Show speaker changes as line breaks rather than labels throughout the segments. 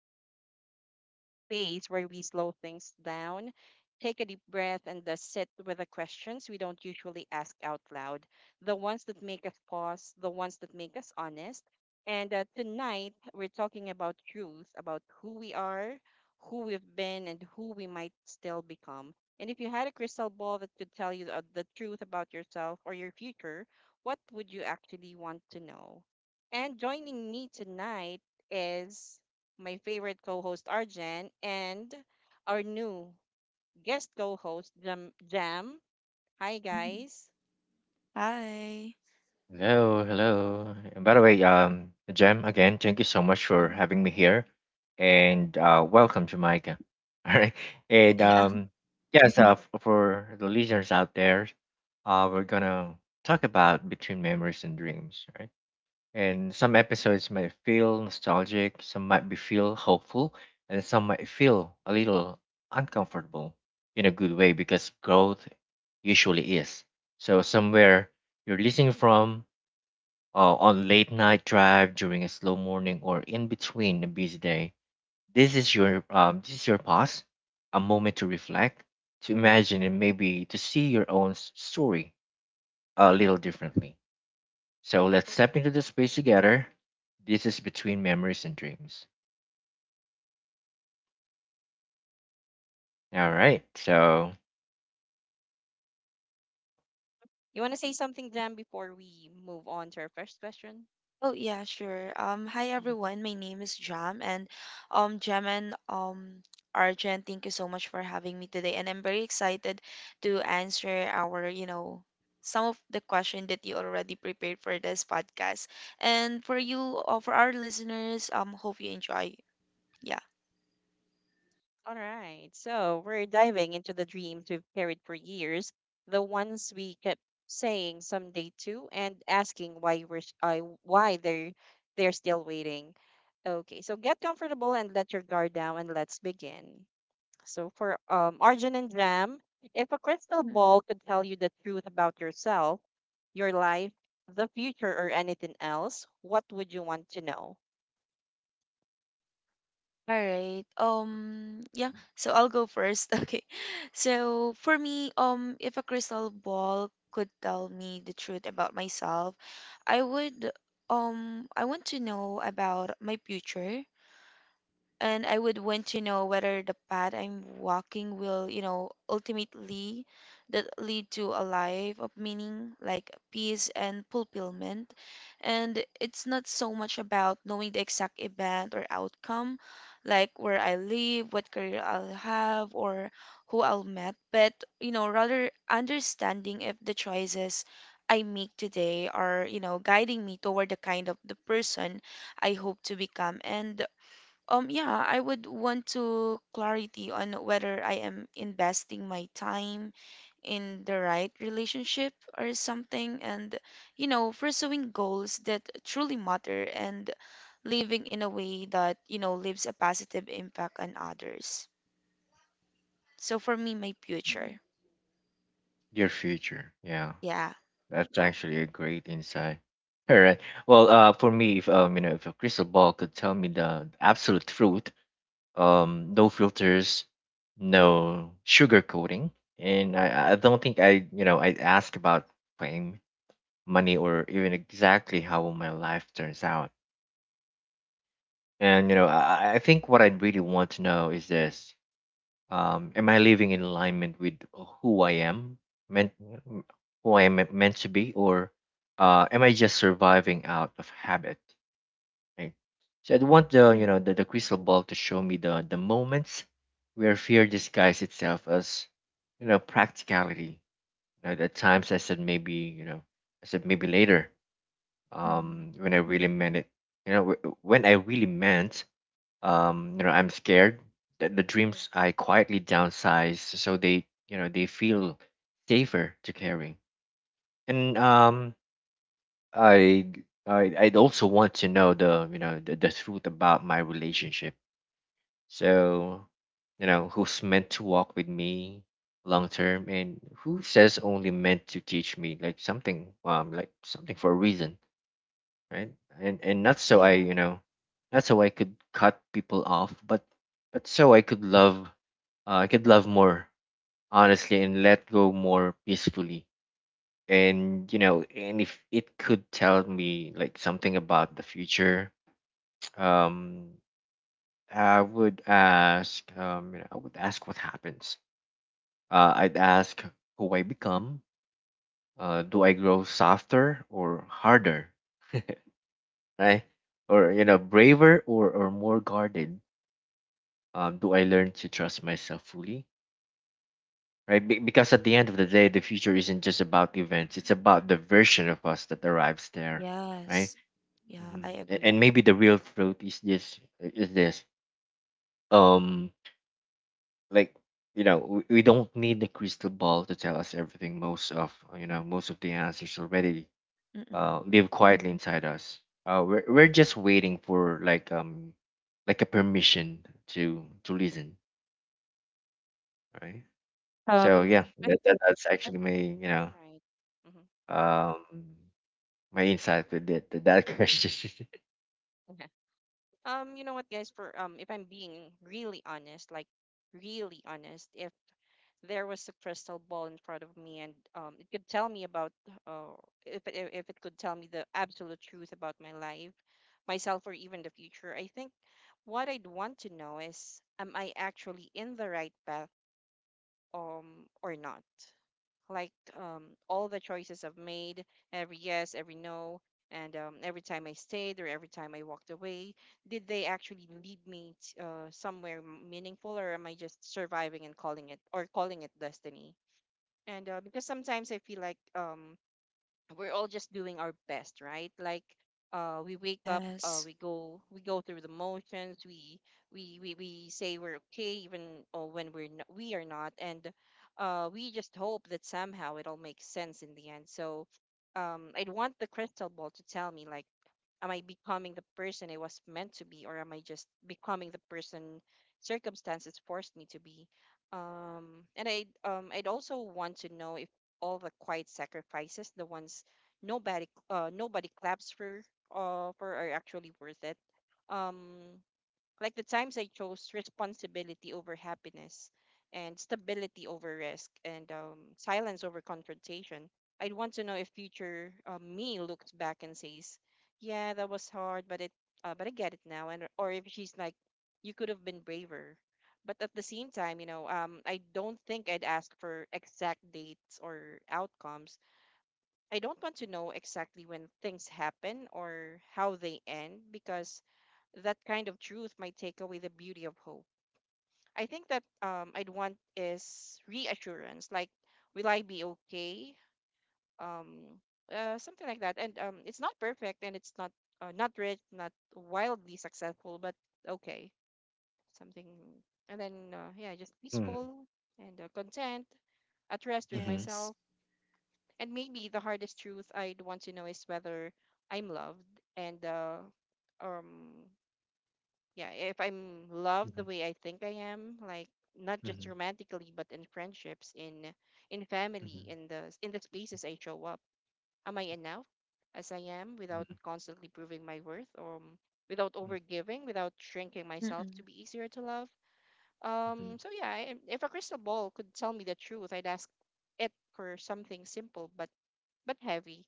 podcast. And this is the space where we slow things down, take a deep breath, and sit with the questions we don't usually ask out loud. The ones that make us pause, the ones that make us honest. And tonight, we're talking about truth, about who we are, who we've been, and who we might still become. And if you had a crystal ball that could tell you the truth about yourself or your future, what would you actually want to know? And joining me tonight is my favorite co-host Arjen and our new guest co-host Jam. Jam. Hi
Mhm.
guys.
Hi.
Hello, hello. And by the way, Jem, again, thank you so much for
Mhm.
having me here, and welcome, Jamaica. All right, and
Yeah.
for the listeners out there, we're gonna talk about between memories and dreams, right? And some episodes might feel nostalgic, some might be feel hopeful, and some might feel a little uncomfortable in a good way because growth usually is. So somewhere you're listening from on late night drive during a slow morning or in between a busy day. This is your pause, a moment to reflect, to imagine, and maybe to see your own story a little differently. So let's step into the space together. This is between memories and dreams. All right, so
You want to say something, Jam, before we move on to our first question?
Oh yeah, sure. Hi
Mhm.
everyone. My name is Jam, and um, Jam and um, Arjun, thank you so much for having me today, and I'm very excited to answer our, some of the question that you already prepared for this podcast, and for you, for our listeners, hope you enjoy. Yeah.
All right. So, we're diving into the dreams we've carried for years, the ones we kept saying someday too and asking why why they're still waiting. Okay, so get comfortable and let your guard down and let's begin. So for Arjun and Jam, if a crystal ball could tell you the truth about yourself, your life, the future, or anything else, what would you want to know?
All right. Yeah, so I'll go first. Okay. So for me, if a crystal ball could tell me the truth about myself, I would I want to know about my future, and I would want to know whether the path I'm walking will, ultimately that lead to a life of meaning, like peace and fulfillment. And it's not so much about knowing the exact event or outcome, like where I live, what career I'll have, or who I'll meet, but rather understanding if the choices I make today are, guiding me toward the kind of the person I hope to become. And yeah, I would want to clarity on whether I am investing my time in the right relationship or something, and pursuing goals that truly matter and living in a way that leaves a positive impact on others. So for me, my future,
your future, yeah,
yeah,
that's actually a great insight. All right. Well, for me, if you know, if a crystal ball could tell me the absolute truth, no filters, no sugar coating, and I don't think I, you know, I ask about fame, money, or even exactly how my life turns out. And you know I think what I really want to know is this: am I living in alignment with who I am meant, who I am meant to be, or am I just surviving out of habit? Okay. So I'd want the, you
mm.
know, the crystal ball to show me the moments where fear disguised itself as, you know, practicality. You know, the times I said maybe, later
Mm-hmm.
when I really meant it. When I really meant you know I'm scared that the dreams I quietly downsize so they, you know, they feel safer to carry. And I I'd also want to know the, you know, the truth about my relationship. So, you know, who's meant to walk with me long term and who says only meant to teach me like something, for a reason, right? And not so
Yeah.
I, you know, not so I could cut people off, but so I could love more honestly and let go more peacefully. And you know, and if it could tell me like something about the future, um I would ask, what happens. I'd ask who I become. Do I grow softer or harder, right? Or you know, braver or more guarded? Do I learn to trust myself fully, right? Because at the end of the day, the future isn't just about events; it's about the version of us that arrives there, right?
Yes. Yeah, I agree.
And maybe the real truth is this. Um, like you know we don't need the crystal ball to tell us everything. Most of, you know, most of the answers already
Mm-mm.
live quietly inside us. We're just waiting for like a permission to listen, right? So yeah,
I think.
that's actually my, you know,
Right. Mm-hmm.
um my insight with that question.
Okay. You know what, guys? For If I'm being really honest, like really honest, if there was a crystal ball in front of me and it could tell me about uh, if it could tell me the absolute truth about my life, myself, or even the future, I think what I'd want to know is, am I actually in the right path, or not? Like, all the choices I've made, every yes, every no, and every time I stayed or every time I walked away, did they actually lead me somewhere meaningful, or am I just surviving and calling it destiny? And because sometimes I feel like we're all just doing our best, right? Like, we wake up,
Yes,
we go through the motions, we say we're okay even when we are not, and we just hope that somehow it all makes sense in the end. So I'd want the crystal ball to tell me, like, am I becoming the person I was meant to be, or am I just becoming the person circumstances forced me to be? And I I'd also want to know if all the quiet sacrifices, the ones nobody claps for, are actually worth it. Um, like the times I chose responsibility over happiness and stability over risk and silence over confrontation. I'd want to know if future me looks back and says, "Yeah, that was hard, but it but I get it now." And or if she's like, "You could have been braver." But at the same time, you know, I don't think I'd ask for exact dates or outcomes. I don't want to know exactly when things happen or how they end, because that kind of truth might take away the beauty of hope. I think that I'd want is reassurance. Like, will I be okay? Um, Something like that. And it's not perfect, and it's not rich, not wildly successful, but okay, something. And then yeah, just
Mhm,
peaceful and content, at rest with
mhm,
yes.
myself. And maybe the hardest truth I'd want to know is whether I'm loved and um yeah, if I'm loved
mhm,
the way I think I am. Like, not just
mhm,
romantically, but in friendships, in
mhm,
family, in the spaces I show up, am I enough as I am without
mhm,
constantly proving my worth, or without
mhm,
overgiving, without shrinking myself to
Mm-mm.
be easier to love?
mhm,
So yeah, if a crystal ball could tell me the truth, I'd ask it for something simple but heavy.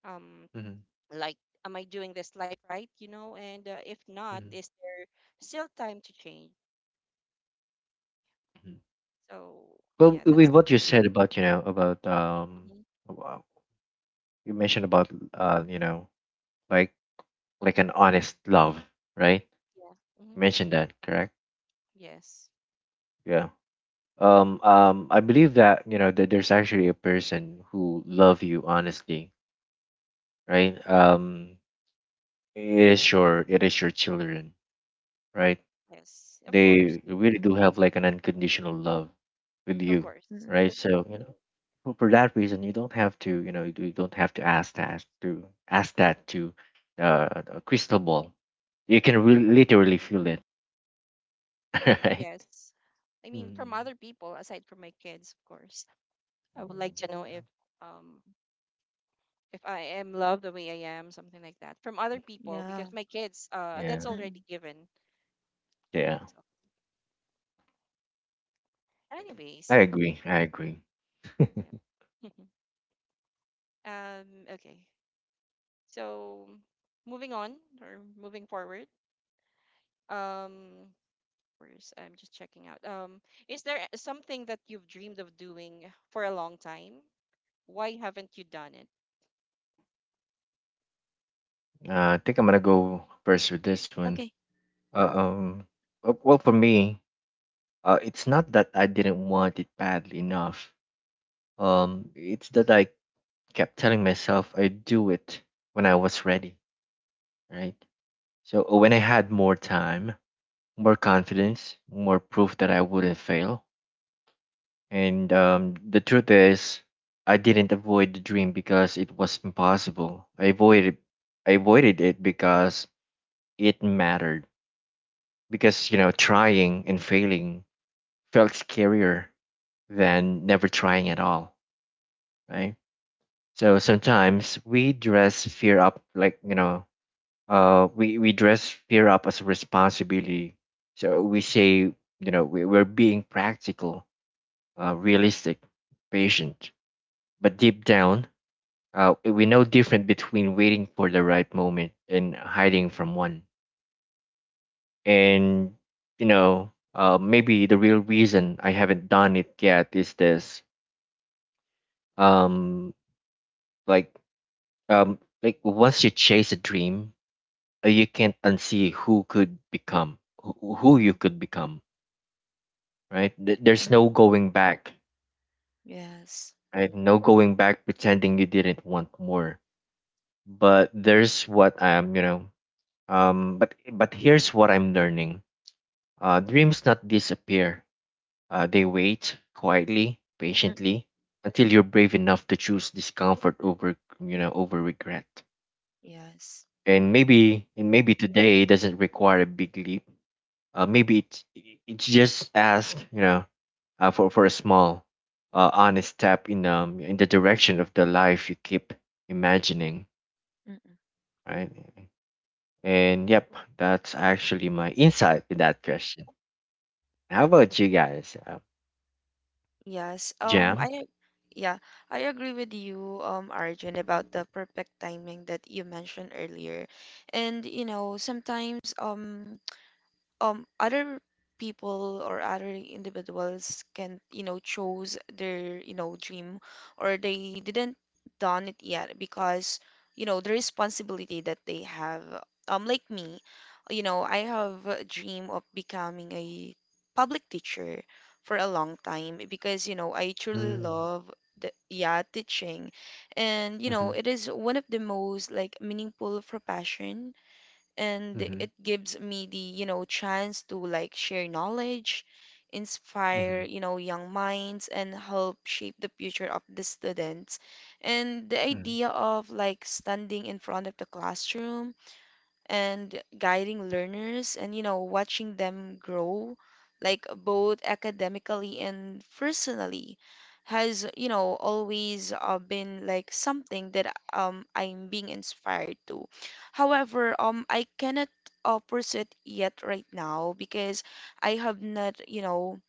Um,
mhm,
like, am I doing this life right? You know, and if not,
mhm,
is there still time to change?
mhm,
So yeah,
Well,
that's
with what you said about, you know, about
hmm.
wow, you mentioned about uh, you know like like an honest love, right?
Yeah. Hmm.
You mentioned that, correct?
Yes.
Yeah. I
But-
believe that you know that there's actually a person who love you honestly, right? It is your children, right?
yes, of course.
They really do have like an unconditional love with
Of
you,
course.
Mm-mm.
right? So you know, for that reason, you don't have to, you know, you don't have to ask that to a crystal ball. You can really literally feel it, right?
Yes, I mean, from
Mm,
other people aside from my kids, of course, I would like to know
mm,
um if I am loved the way I am, something like that, from other people,
Yeah.
because my kids,
Yeah,
that's
Mm-mm.
already given.
yeah.
So,
I
anyways,
I agree. I agree.
yeah. Okay. So moving on or moving forward. Um, course. I'm just checking out. Is there something that you've dreamed of doing for a long time? Why haven't you done it?
I think I'm gonna go first with this one.
Okay.
Uh, um, well, for me, it's not that I didn't want it badly enough. It's that I kept telling myself I'd do it when I was ready, right? So when I had more time, more confidence, more proof that I wouldn't fail. And the truth is, I didn't avoid the dream because it was impossible. I avoided it because it mattered. Because you know, trying and failing felt scarier than never trying at all, right? So sometimes we dress fear up like you know we dress fear up as a responsibility, so we say, you know, we're being practical, realistic, patient, but deep down, we know different between waiting for the right moment and hiding from one. And you know, maybe the real reason I haven't done it yet is this: um like like once you chase a dream, you can't unsee who you
Mm-mm.
could become, right? There's no
Mm.
going back,
Yes.
right? No going back pretending you didn't want more. But there's what I'm, you know, But here's what I'm learning. Dreams not disappear. They wait quietly,
Mm.
patiently, until you're brave enough to choose discomfort over, you know, over regret.
Yes.
And maybe today doesn't require a big leap. uh, maybe it's, it's just ask, you know, for a small honest step in the direction of the life you keep imagining,
Mm.
right? And yep, that's actually my insight with that question. How about you guys,
Yes.
Jam?
Yeah, I agree with you, Arjun, about the perfect timing that you mentioned earlier. And you know, sometimes other people or other individuals can chose their dream, or they didn't done it yet because the responsibility that they have, like me. You know, I have a dream of becoming a public teacher for a long time because I truly
Mm-hmm,
love the, yeah, teaching, and
mm-hmm,
it is one of the most like meaningful profession, and
mm-hmm,
it gives me the chance to like share knowledge, inspire
hmm
young minds, and help shape the future of the students. And the
hmm
idea of like standing in front of the classroom and guiding learners and watching them grow like both academically and personally has always been like something that I'm being inspired to. However, I cannot pursue it yet right now because I have not, you know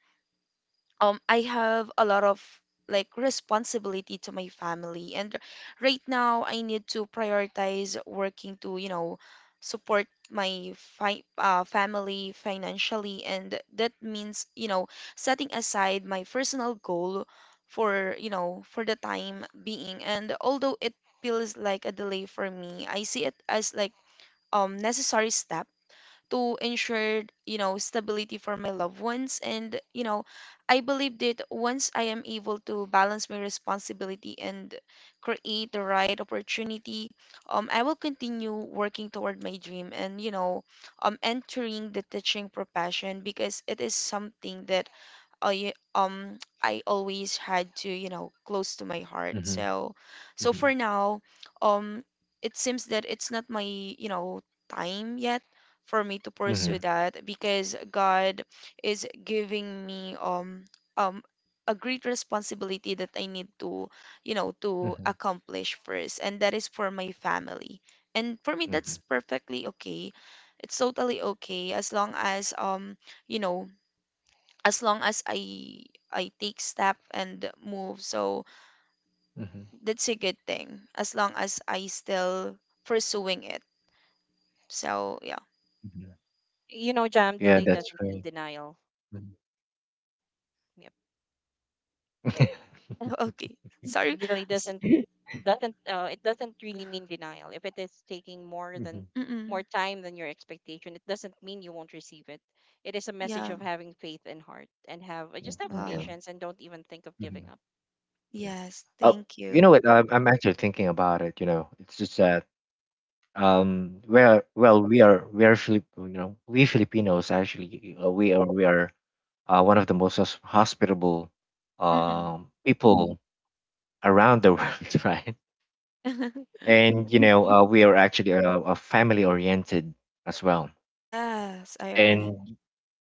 um I have a lot of like responsibility to my family, and right now I need to prioritize working to support my family financially. And that means setting aside my personal goal for you know for the time being. And although it feels like a delay for me, I see it as like necessary step to ensure, stability for my loved ones. And, I believe that once I am able to balance my responsibility and create the right opportunity, I will continue working toward my dream and, entering the teaching profession because it is something that I always had to, close to my heart.
hmm
So, so for now, um it seems that it's not my, time yet for me to pursue that because God is giving me um a great responsibility that I need to
hmm
accomplish first, and that is for my family. And for me, that's
hmm
perfectly okay. It's totally okay as long as you know as long as I take step and move. So
hmm
that's a good thing as long as I still pursuing it. So yeah.
You know, Jam,
Yeah,
delay
that's
doesn't mean
right.
denial.
Mhm.
Yep.
Okay. Sorry.
Delay
S-
doesn't it doesn't really mean denial. If it is taking more than
Mhm.
more
Mm-mm.
time than your expectation, it doesn't mean you won't receive it. It is a message
Yeah.
of having faith and heart and have
Mhm.
just have
Yeah.
Wow.
patience and don't even think of
Mm-hmm.
giving up.
Yeah.
Yes.
Uh,
Thank
you
you.
know
Yep.
what? I'm actually thinking about it. You know, it's just that well, we are Filip, you know, we Filipinos actually we are one of the most hospitable
Mm-mm.
people around the world, right? And you know, we are actually a family oriented as well.
Yes, I agree.
And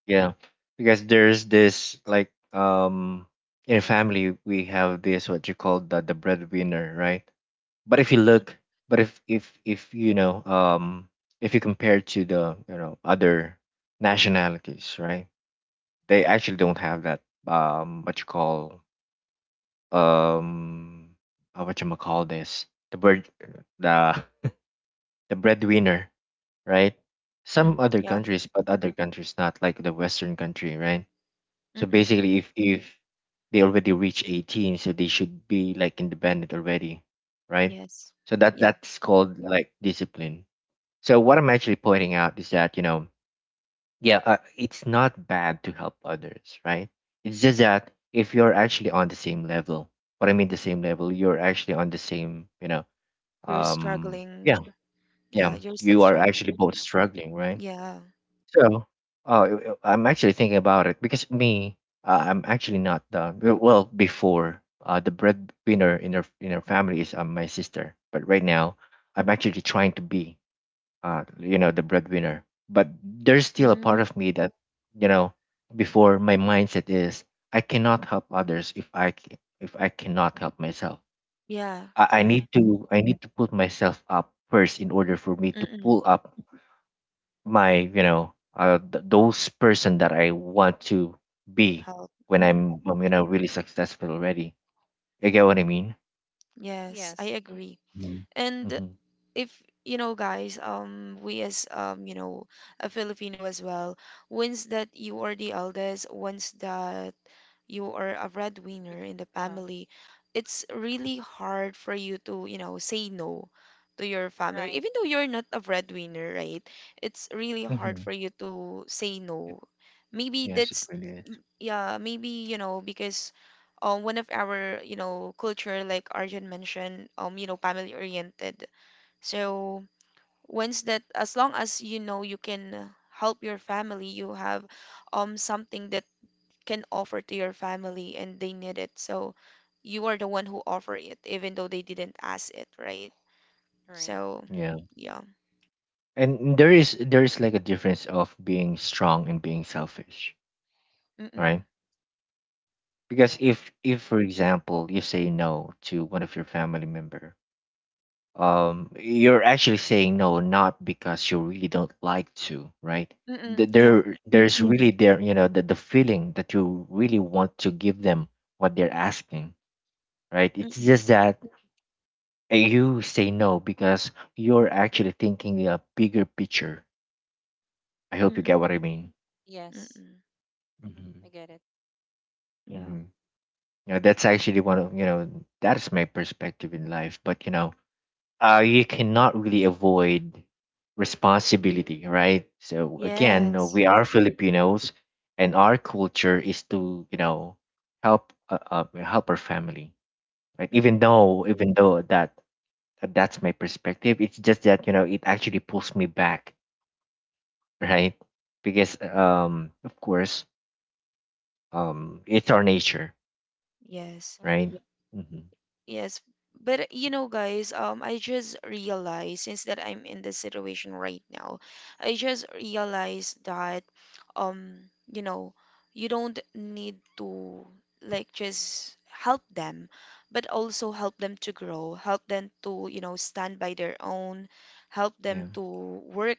yeah, because there's this like in a family we have this what you call the breadwinner, right? But if you
Mm-mm.
look, but if you know if you compare to the, you know, other nationalities, right, they actually don't have that um what you call um what you call this the bread the the breadwinner, right? Some
Mm-mm.
other
Yeah.
countries, but other countries not like the western country, right? So
Mm-mm.
basically, if they already reach 18, so they should be like independent already, right?
Yes.
So that
Yeah.
that's called like discipline. So what I'm actually pointing out is that you know, yeah, it's not bad to help others, right? It's just that if you're actually on the same level, what I mean the same level, you're actually on the same, you know,
You're
yeah,
struggling. Yeah,
yeah,
you're still
you are
struggling.
actually both struggling, right?
Yeah.
So, I'm actually thinking about it because me, I'm actually not the well, before the breadwinner in our family is my sister, but right now I'm actually trying to be, you know, the breadwinner. But there's still a
Mm.
part of me that, you know, before my mindset is I cannot help others if if I cannot help myself.
Yeah,
I
correct.
need to put myself up first in order for me to
Mm-mm.
pull up my, you know, those person that I want to be
Help.
when
Mm-mm.
I'm, you know, really successful already. You get what I mean?
Yes, I
Yes. Mhm.
agree.
Mhm.
And
Mm-hmm.
if you know, guys, we as a Filipino as well, once that you are the eldest, once that you are a
Bec-
breadwinner in the
Uh,
family, it's really hard for you to, say no to your family.
right.
Even though you're not a breadwinner, right? It's really hard
Mm-hmm.
for you to say
It,
no. Maybe
yes, it
that's,
really is.
yeah, maybe, because one of our, culture, like Arjun mentioned, family oriented. So once that, as long as you know you can help your family, you have something that can offer to your family and they need it. So you are the one who offer it, even though they didn't ask it, right?
Right.
So,
Mm-hmm.
Yeah,
yeah.
and there is like a difference of being strong and being selfish, right?
Mm-mm.
Because
Right.
if for example you say no to one of your family member, you're actually saying no not because you really don't like to, right?
Mm-mm. Yeah.
There there's really there, you know, the feeling that you really want to give them what they're asking, right? It's
Mm-mm.
just that you say no because you're actually thinking a bigger picture. I hope you get
Mm-mm.
what I mean.
Yes.
Mm-mm.
Hmm,
Mm-hmm.
I get it.
Yeah.
Mm-hmm. Yeah, that's actually one of, you know, that's my perspective in life. But you know, you cannot really avoid responsibility, right? So again,
Yes.
we are Filipinos, and our culture is to, you know, help help our family, right?
Mm-mm.
Even though that that's my perspective, it's just that you know it actually pulls me back, right? Because of course, it's our nature,
Yes.
right?
Hmm.
Yeah.
Yes, but you know, guys, I just realized since that I'm in this situation right now, I just realized that, um, you know, you don't need to like just help them, but also help them to grow, help them to, stand by their own, help
Yeah.
them to work,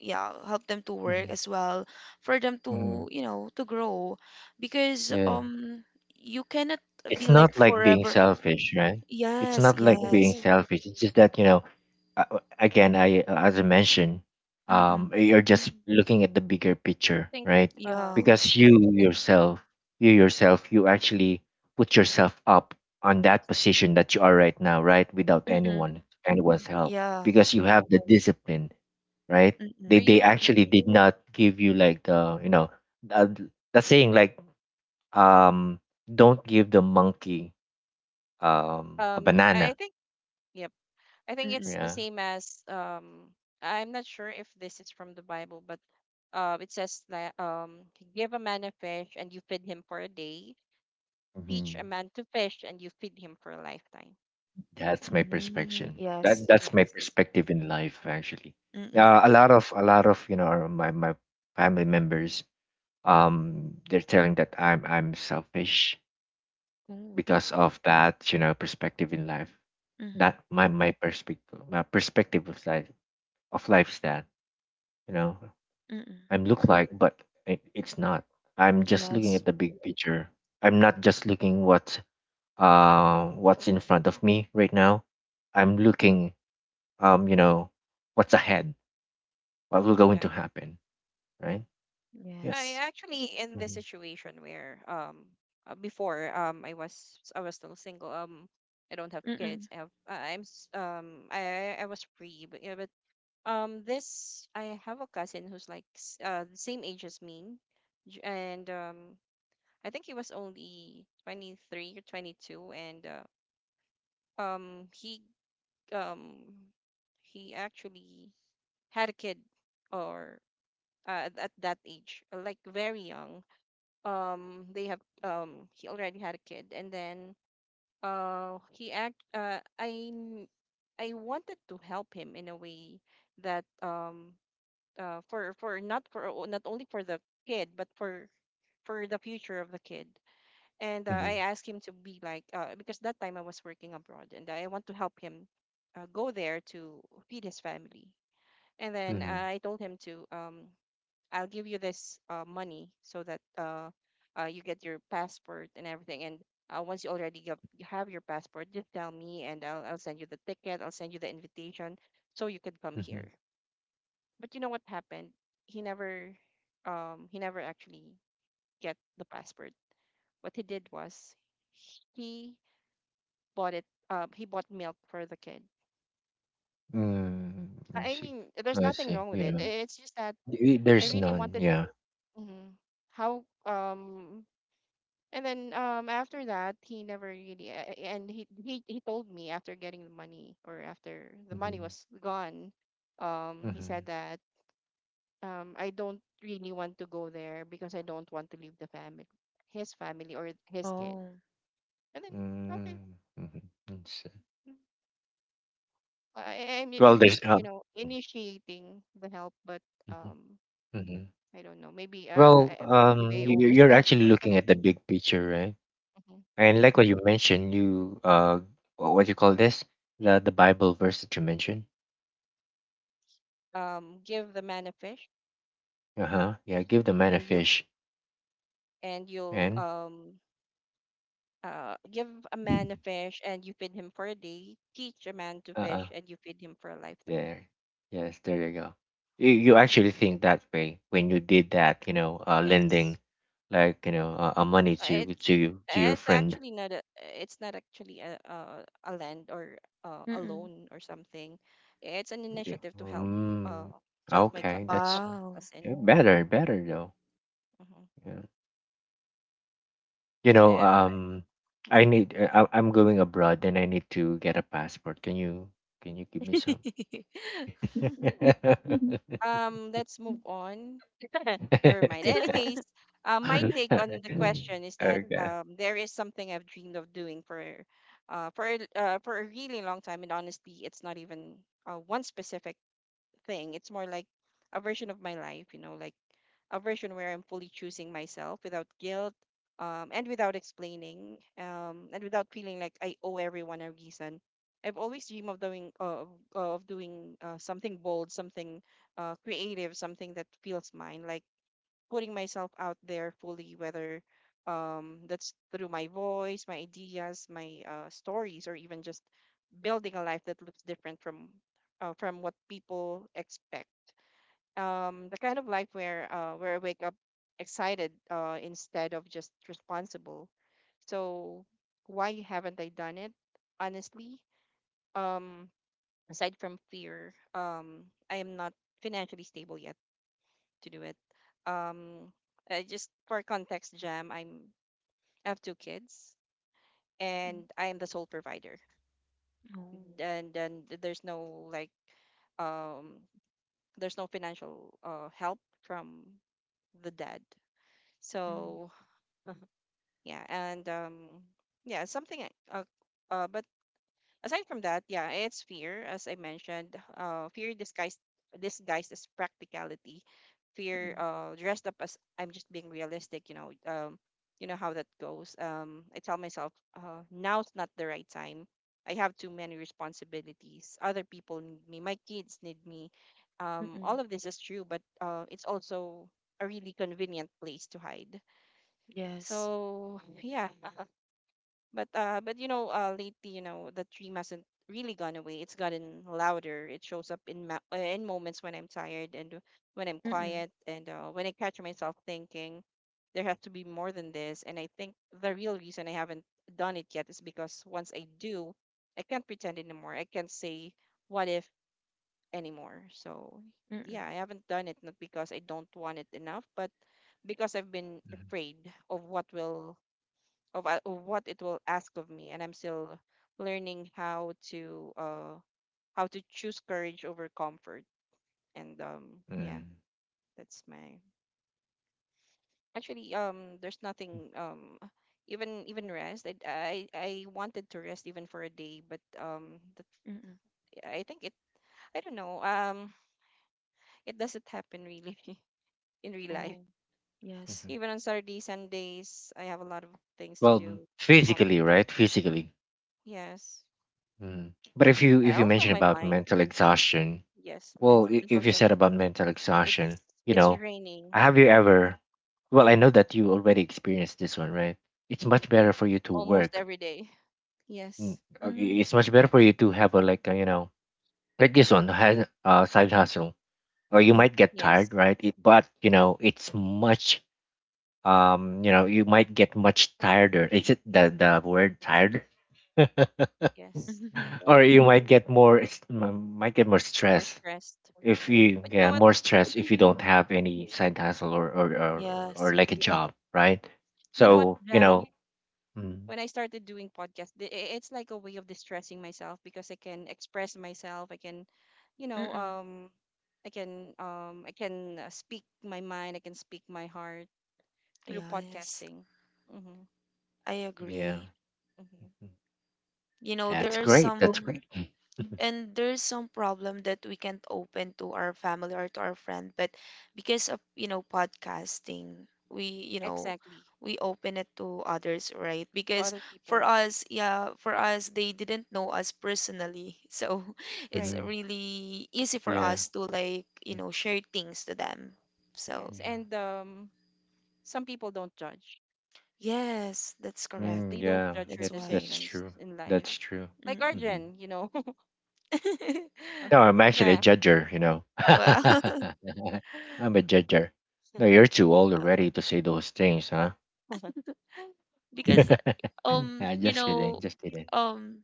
yeah, help them to work
Yep.
as well, for them
Mm-hmm.
to,
Mm-hmm.
you know, to grow, because
Yeah.
you cannot be
It's
like
not like being
forever.
selfish, right? It's
Yes,
not like being
yes.
selfish. It's just that, you know, again, I as I mentioned,
Mm-mm.
you're just looking at the bigger
I
picture,
think.
right?
Uh,
Yeah.
Because
I-
you yourself, you actually put yourself up on that position that you are right now, right? Without
Mm-mm.
anyone's help,
Yeah.
because you have the discipline, right? They
are
Mm-mm.
they
you?
actually did not give you like the, the saying like, um, don't give the monkey a
I
banana.
think. Yep. I think
Mm-mm.
it's the
Yeah,
same as. I'm not sure if this is from the Bible, but. It says that give a man a fish and you feed him for a day. Teach a
hmm,
man to fish and you feed him for a lifetime.
that's my
Mm-mm.
perspective. That
Yes.
that's my
Yes.
perspective in life actually.
Mm-mm.
Yep.
A lot of you know my family members they're telling that I'm selfish
Ooh.
because of that you know perspective in life.
Mm-hmm.
That my perspective of life is that you know
Mm-mm.
I'm look like but it's not. I'm just looking
Yes.
at the big picture. I'm not just looking what what's in front of me right now. I'm looking, you know, what's ahead, what will going
Uh,
to happen, right? Yeah.
I
Yes.
actually in this
Mm-hmm.
situation where before I was still single. I don't have
Mm-mm.
kids. I'm I was free but yeah but this I have a cousin who's like the same age as me, and I think he was only 23 or 22, and um he um he actually had a kid or at that age, like very young. They have He already had a kid, and then he act I kn- I wanted to help him in a way that for not not only for the kid but for the future of the kid. And
Mm-hmm.
I asked him to be because that time I was working abroad and I want to help him go there to feed his family. And then
Mm-hmm.
I told him to I'll give you this money so that you get your passport and everything. And once you already get, you have your passport, just tell me and I'll send you the ticket. I'll send you the invitation so you could come
Mm-hmm.
here. But you know what happened? He never, he never actually get the passport. What he did was he bought it. He bought milk for the kid.
Mm. I
I
see.
mean, there's
I
nothing
see.
wrong with
You
it.
know,
It's just that I
there's
really
none.
wanted.
Yeah.
Mhm. How and then after that, he never really and he told me after getting the money or after the money
Mm-hmm.
was gone, he
Mm-hmm.
said that I don't really want to go there because I don't want to leave the family, his family or his kid.
Oh.
And then okay,
Mm-hmm.
mm, I
Well,
I'm
there's
just you know initiating the help, but
mhm,
um
mhm.
I don't know, maybe
Well,
maybe I
you, you're
overstep
actually
or
looking at the
something.
big picture, right?
Mhm.
And like what you mentioned, you what you call this? The Bible verse that you mentioned.
Give the man a fish,
Uh huh. Yeah, give the man a
and you
fish,
and you'll
and
give a man a fish and you feed him for a day. Teach a man to
uh, uh
fish and you feed him for a lifetime.
there, yes, there you go. You actually think that way when you did that, you know, lending,
Yes.
like you know, money
Uh,
to
it's
to your
it's
friend.
actually not a it's not actually a a land or a
Mm-mm.
loan or something. It's an
Yeah.
initiative to help uh
Mm, okay,
to
that's
help
Wow.
cousin.
yeah, better, better though.
Mm-hmm.
Yeah. You know,
Eh,
I
mm-hmm.
need. I'm going abroad, and I need to get a passport. Can you? Can you give me some?
Let's move on. Never mind. Anyways, my
Alright.
take on the question is that
Okay.
there is something I've dreamed of doing for for a really long time, and honestly, it's not even one specific thing. It's more like a version of my life, you know, like a version where I'm fully choosing myself without guilt, and without explaining, and without feeling like I owe everyone a reason. I've always dreamed of doing something bold, something creative, something that feels mine, like putting myself out there fully, whether that's through my voice, my ideas, my stories, or even just building a life that looks different from what people expect. The kind of life where I wake up excited instead of just responsible. So why haven't I done it? Honestly, um, aside from fear, I am not financially stable yet to do it. Um, I just for context, Jam, I have two kids, and
Mm-mm.
I am the sole provider,
Oh.
and then there's no like um, there's no financial help from the dad.
Mm.
So yeah, and yeah, something. But aside from that, yeah, it's fear, as I mentioned. Fear disguised as practicality. Fear
Mm-mm.
dressed up as I'm just being realistic. You know how that goes. I tell myself, now's not the right time. I have too many responsibilities. Other people need me. My kids need me.
Mm-mm.
All of this is true, but it's also a really convenient place to hide.
Yes.
So yeah, lately, the dream hasn't really gone away. It's gotten louder. It shows up in in moments when I'm tired and when I'm
Mm-mm.
quiet and when I catch myself thinking there has to be more than this. And I think the real reason I haven't done it yet is because once I do, I can't pretend anymore. I can't say what if anymore. So
Mm-mm.
yeah, I haven't done it not because I don't want it enough, but because I've been afraid of of what it will ask of me, and I'm still learning how to choose courage over comfort and yeah,
Mm-hmm.
that's my actually. There's nothing. Even rest, I wanted to rest even for a day, but that,
Mm-mm.
I think it, I don't know. It doesn't happen really in real life.
Oh. Yes.
Mm-hmm.
Even on Saturday Sundays I have a lot of things to
Well,
do,
physically,
accomplish.
right? Physically.
Yes.
Mm. But if you
Also
mention
my
about
mind.
mental exhaustion,
Yes,
well,
mental
if you said
exhaustion.
about mental
It's
exhaustion, you
it's
know,
raining
have you ever? Well, I know that you already experienced this one, right? It's much better for you to
almost
work.
every day.
Mm,
Yes,
Mm.
It's much better for you to have a like a, you know, like this one has side hustle, or you
Yeah.
might get
yes,
tired, right? It, but you know it's much you know you might get much tireder. Is it the word tired?
yes.
Or you might get more might get more
Or
stress
stressed.
if you,
But you know
yeah,
what?
more stress if you
Mhm.
don't have any side hustle or
Yes.
or like a job, right?
You know
Yeah.
what,
So you know,
Jam?
mm,
When I started doing podcast, it's like a way of distressing myself because I can express myself. I can, you know,
Mm-mm.
I can speak my mind. I can speak my heart through
Yes.
podcasting. Mm-hmm.
I
yeah,
agree.
Mm-hmm.
You know,
that's
there are
Yep.
great. That's
some
great.
and there's some problem that we can't open to our family or to our friend, but because of, podcasting, we, you know,
Exactly.
we open it to others, right?
To
Because
other
for
people,
us, yeah, for us, they didn't know us personally. So it's
right?
Hmm.
really easy for
Yeah.
us to like, share things to them. So,
Yes,
Yeah.
and some people don't judge.
yes, that's
Yes,
correct.
they
Mm,
don't
yeah.
judge your
That's
That,
why.
that's
decisions
true.
in life.
That's true.
Like
Mm-mm.
Hmm.
Arjen, you know.
No, I'm actually a
Yeah.
judger, you know.
Well,
I'm a judger. No, you're too old already to say those things, huh?
because um
Yeah.
you
Just kidding.
know
Just kidding.
um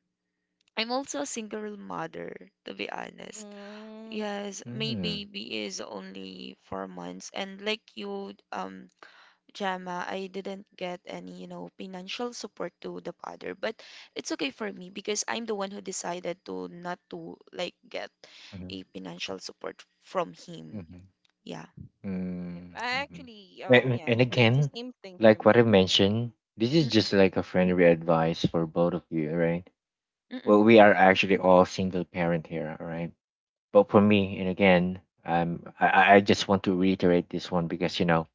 I'm also a single mother, to be honest.
Mm,
Yes, my
Mm,
baby is only 4 months and like you, Gemma, I didn't get any, financial support to the father, but it's okay for me because I'm the one who decided to not to like get
mhm,
a financial support from him.
yep,
mhm,
Yeah.
yep.
mm,
I
mhm.
actually,
And
yeah, it's the
again,
same thing for
like what I
me.
mentioned, this is
Mm-mm,
just like a friendly advice for both of you, right?
mm-mm.
Well, we are actually all single parent here, all right? But for me, and again, I just want to reiterate this one because you know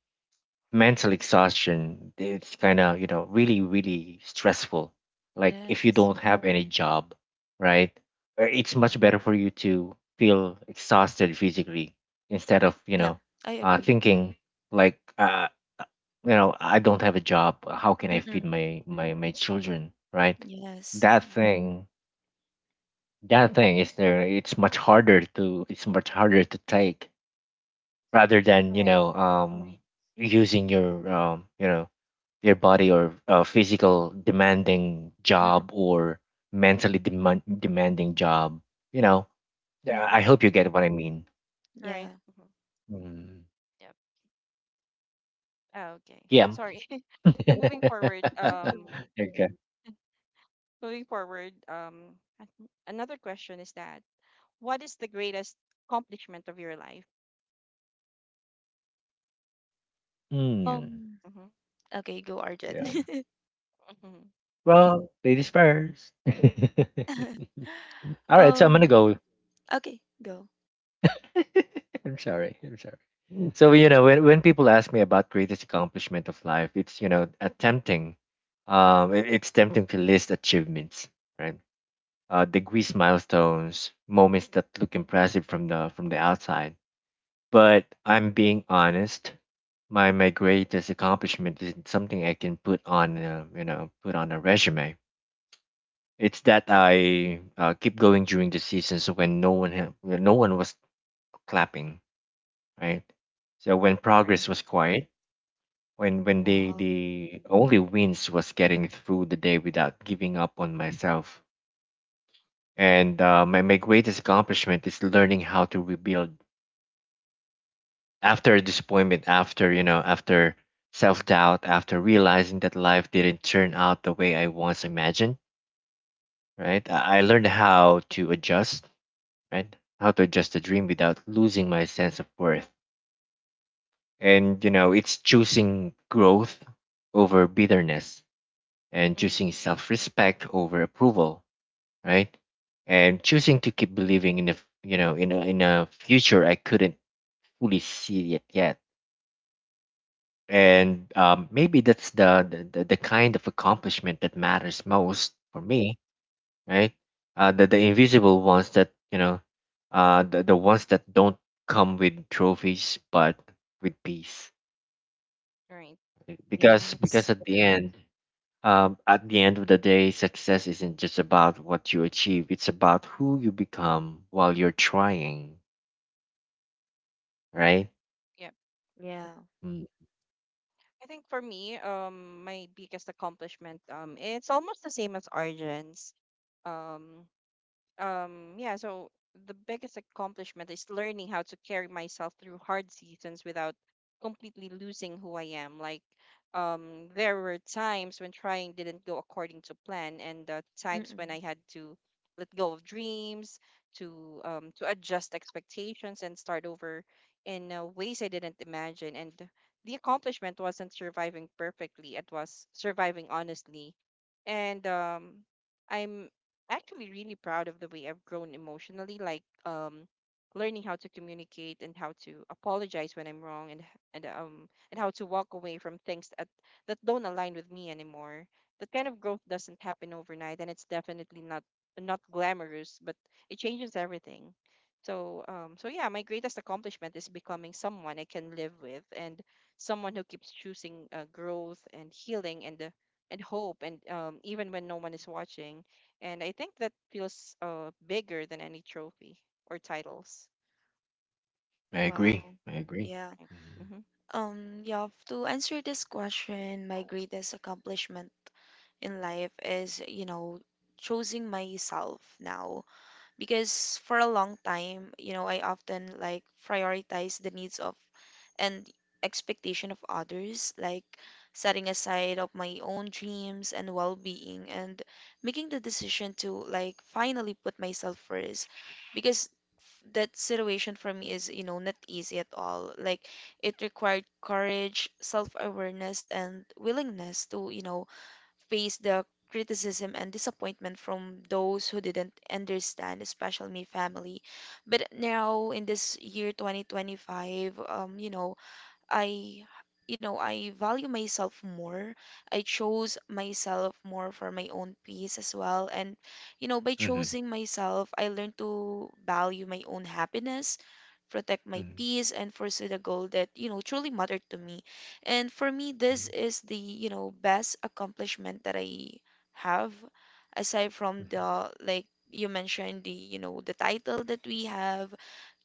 mental exhaustion it's kind of you know really really stressful. Like if you
Yes.
don't have any job, right? It's much better for you to feel exhausted physically instead of you
Yeah,
know
I agree.
thinking like you know I don't have a job. How can I feed
Mm-mm.
my my children? Right?
Yes.
That Mm. thing, that thing is there. It's much harder to take rather than you
Right.
know using your you know your body or physical demanding
Mm-mm,
job or mentally demanding job, you know. Yeah, I
mm-mm.
hope you get what I mean.
Right.
Yeah.
Mhm.
Mm.
Yep. Ah, okay.
Yeah.
Sorry. Moving forward.
Okay.
Moving forward. Um, another question is that what is the greatest accomplishment of your life? Yep.
Mm.
Um,
Mm-hmm,
Okay, go Arjun.
Yeah.
mm-hmm,
Well, ladies first. all right so I'm gonna
Um,
go.
okay, go.
I'm sorry. I'm sorry. Mm. So you know, when people ask me about greatest accomplishment of life, it's you know, tempting. It's tempting to list achievements, right? Degrees, milestones, moments that look impressive from the outside. But I'm being honest. My greatest accomplishment isn't something I can put on you know put on a resume. It's that I keep going during the seasons when when no one was clapping, right? So when
Mm-mm.
right.
progress was quiet, when when the
Wow.
the only wins was getting through the day without giving up on myself. And my greatest accomplishment is learning how to rebuild after disappointment, after you know, after self doubt, after realizing that life didn't turn out the way I once imagined. Right, I learned how to adjust. Right, how to adjust the dream without losing my sense of worth. And you know, it's choosing growth over bitterness and
Mm-hmm,
choosing self-respect over approval, right? And choosing to keep believing in a you know in a future I couldn't fully see it yet. And maybe that's the kind of accomplishment that matters most for me, right? The invisible ones that you know, the ones that don't come with trophies but with peace,
right.
because
Yes.
at the end. At the end of the day, success isn't just about what you achieve, it's about who you become while you're trying, right?
Yep.
Yeah.
Mm,
I think for me, my biggest accomplishment, it's almost the same as Arjun's. Um, yeah, so the biggest accomplishment is learning how to carry myself through hard seasons without completely losing who I am. Like, there were times when trying didn't go according to plan, and times when
Mm-mm.
I had to let go of dreams, to adjust expectations and start over in ways I didn't imagine. And the accomplishment wasn't surviving perfectly, it was surviving honestly. And I'm actually really proud of the way I've grown emotionally. Like, learning how to communicate and how to apologize when I'm wrong, and and how to walk away from things that that don't align with me anymore. That kind of growth doesn't happen overnight, and it's definitely not not glamorous, but it changes everything. So yeah, my greatest accomplishment is becoming someone I can live with, and someone who keeps choosing growth and healing and hope, and even when no one is watching. And I think that feels bigger than any trophy or titles.
I agree.
Wow.
I agree.
Yeah.
Right.
Mm-hmm.
Mm-hmm.
Yeah, to answer this question, my greatest accomplishment in life is, choosing myself now. Because for a long time, I often like prioritize the needs of and expectation of others, like setting aside of my own dreams and well-being, and making the decision to like finally put myself first, because that situation for me is not easy at all, like it required courage, self-awareness, and willingness to faced the criticism and disappointment from those who didn't understand, especially my family. But now in this year 2025, I, I value myself more. I chose myself more for my own peace as well. And, by
Mm-hmm.
choosing myself, I learned to value my own happiness, protect my
Mm-hmm.
peace, and pursue the goal that, truly mattered to me. And for me, this is the, best accomplishment that I have, aside from
Mm-hmm.
the, like, you mentioned the title that we have,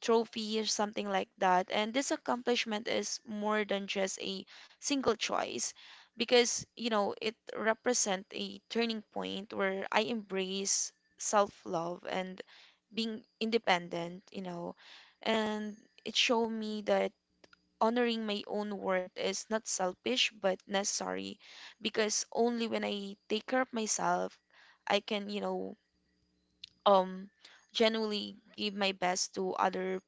trophy or something like that. And this accomplishment is more than just a single choice because, it represents a turning point where I embrace self love and being independent, and it showed me that honoring my own worth is not selfish but necessary, because only when I take care of myself, I can, um, genuinely give my best to other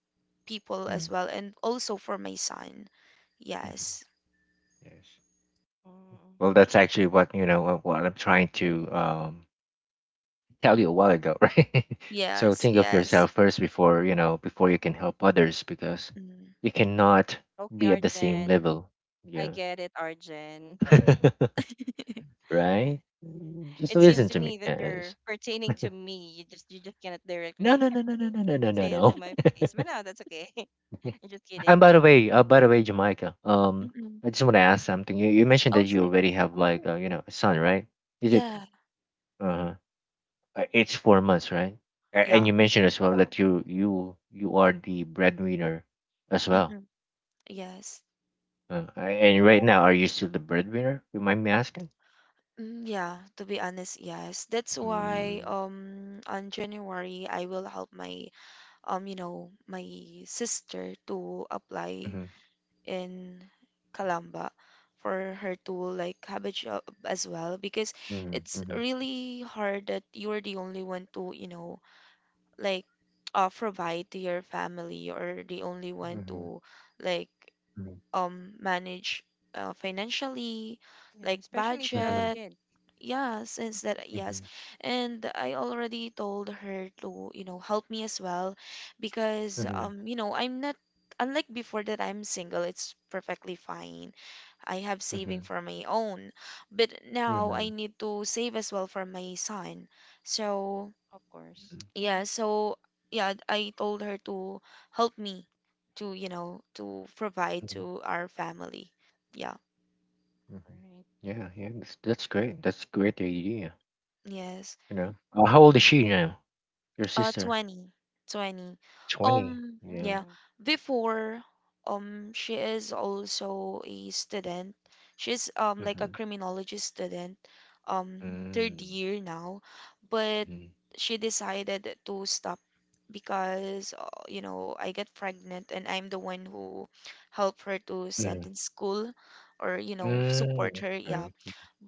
people as
Mm-hmm.
well, and also for my son.
Mm-hmm,
Yes.
yes.
Mm.
Well, that's actually what, you know, what I'm trying to tell you a while ago, right? So
Yes,
think of
yes.
yourself first before, you know, before you can help others because
Mm-mm.
you cannot
Okay,
be at the
Arjen.
same level.
I
Yeah.
get it, Arjen.
Right?
It
Just
seems to
listen
Yeah.
to
me
me,
that you're
yes.
pertaining to me. You just, you just cannot directly
No, no, no, no, no, no, no, no,
say
no,
it to
no.
my face. But no, that's okay. I'm just kidding.
And by the way, Jamaica,
Mm-mm.
I just want to ask something. You mentioned that
Oh,
you
sure.
already have like you know a son, right? Is it
Yeah.
uh, it's 4 months, right? And
Yeah.
you mentioned as well that you are the breadwinner as well.
Mm-mm. Yes.
Uh, a- and right now, are you still the breadwinner? You mind me asking?
Mm, yeah, to be honest, yes. That's why
Mm-hmm,
on January I will help my my sister to apply
mm-hmm,
in Kalamba, for her to like have a job as well because
mm-hmm,
it's
mm-hmm,
really hard that you're the only one to like provide to your family, or the only one to like
mm-hmm,
manage financially,
Yeah,
like
especially if you have a
mm-hmm,
budget,
kid,
yeah, since that, yes.
mm-hmm,
And I already told her to help me as well because
mm-hmm,
I'm not, unlike before that I'm single, it's perfectly fine, I have
mm-hmm.
saving for my own. But now
Mm-hmm.
I need to save as well for my son, so
of course. Hmm.
yeah, so yeah, I told her to help me to you know to provide
Mhm,
to our family. Yeah,
mhm.
Right.
Yeah, yeah, that's great. That's a great idea.
yes.
You know, how old is she now? Your sister?
20 20.
20. Yeah.
Yeah,
Yeah.
before, she is also a student. She's like a
Mm-hmm.
criminology student,
Hmm.
third
Mm-hmm.
year now, but she decided to stop because I get pregnant, and I'm the one who helped her to
Mm-hmm.
send in school, or support
Mm-hmm.
her, yeah.
Okay.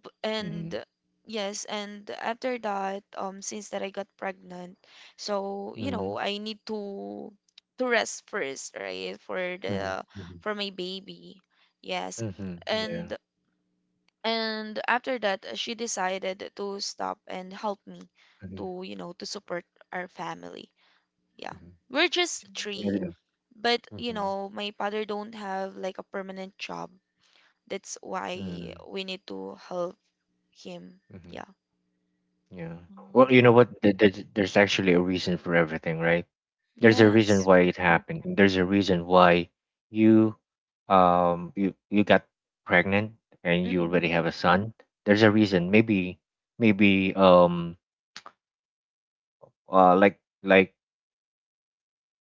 B-
Mm-hmm.
and yes, and after that, since that I got pregnant, so
Mm-hmm.
I need to rest first, right, for
Of
Mm-hmm.
course.
the for my baby, yes.
Mm-hmm. Yeah.
And and after that, she decided to stop and help me
Mm-hmm.
to you know to support our family, yeah.
Mm-hmm.
We're just
Mhm.
three,
Yeah.
but you
Mm-hmm.
know my father don't have like a permanent job. That's why we need to help him,
Mm-hmm.
yeah.
Yeah. Well, you know
Mhm.
what? There's actually a reason for everything, right? There's a reason
Yeah.
Yes.
why it happened and there's a reason why you you you got pregnant and you
Mm-mm.
already have a son. There's a reason maybe, maybe um, like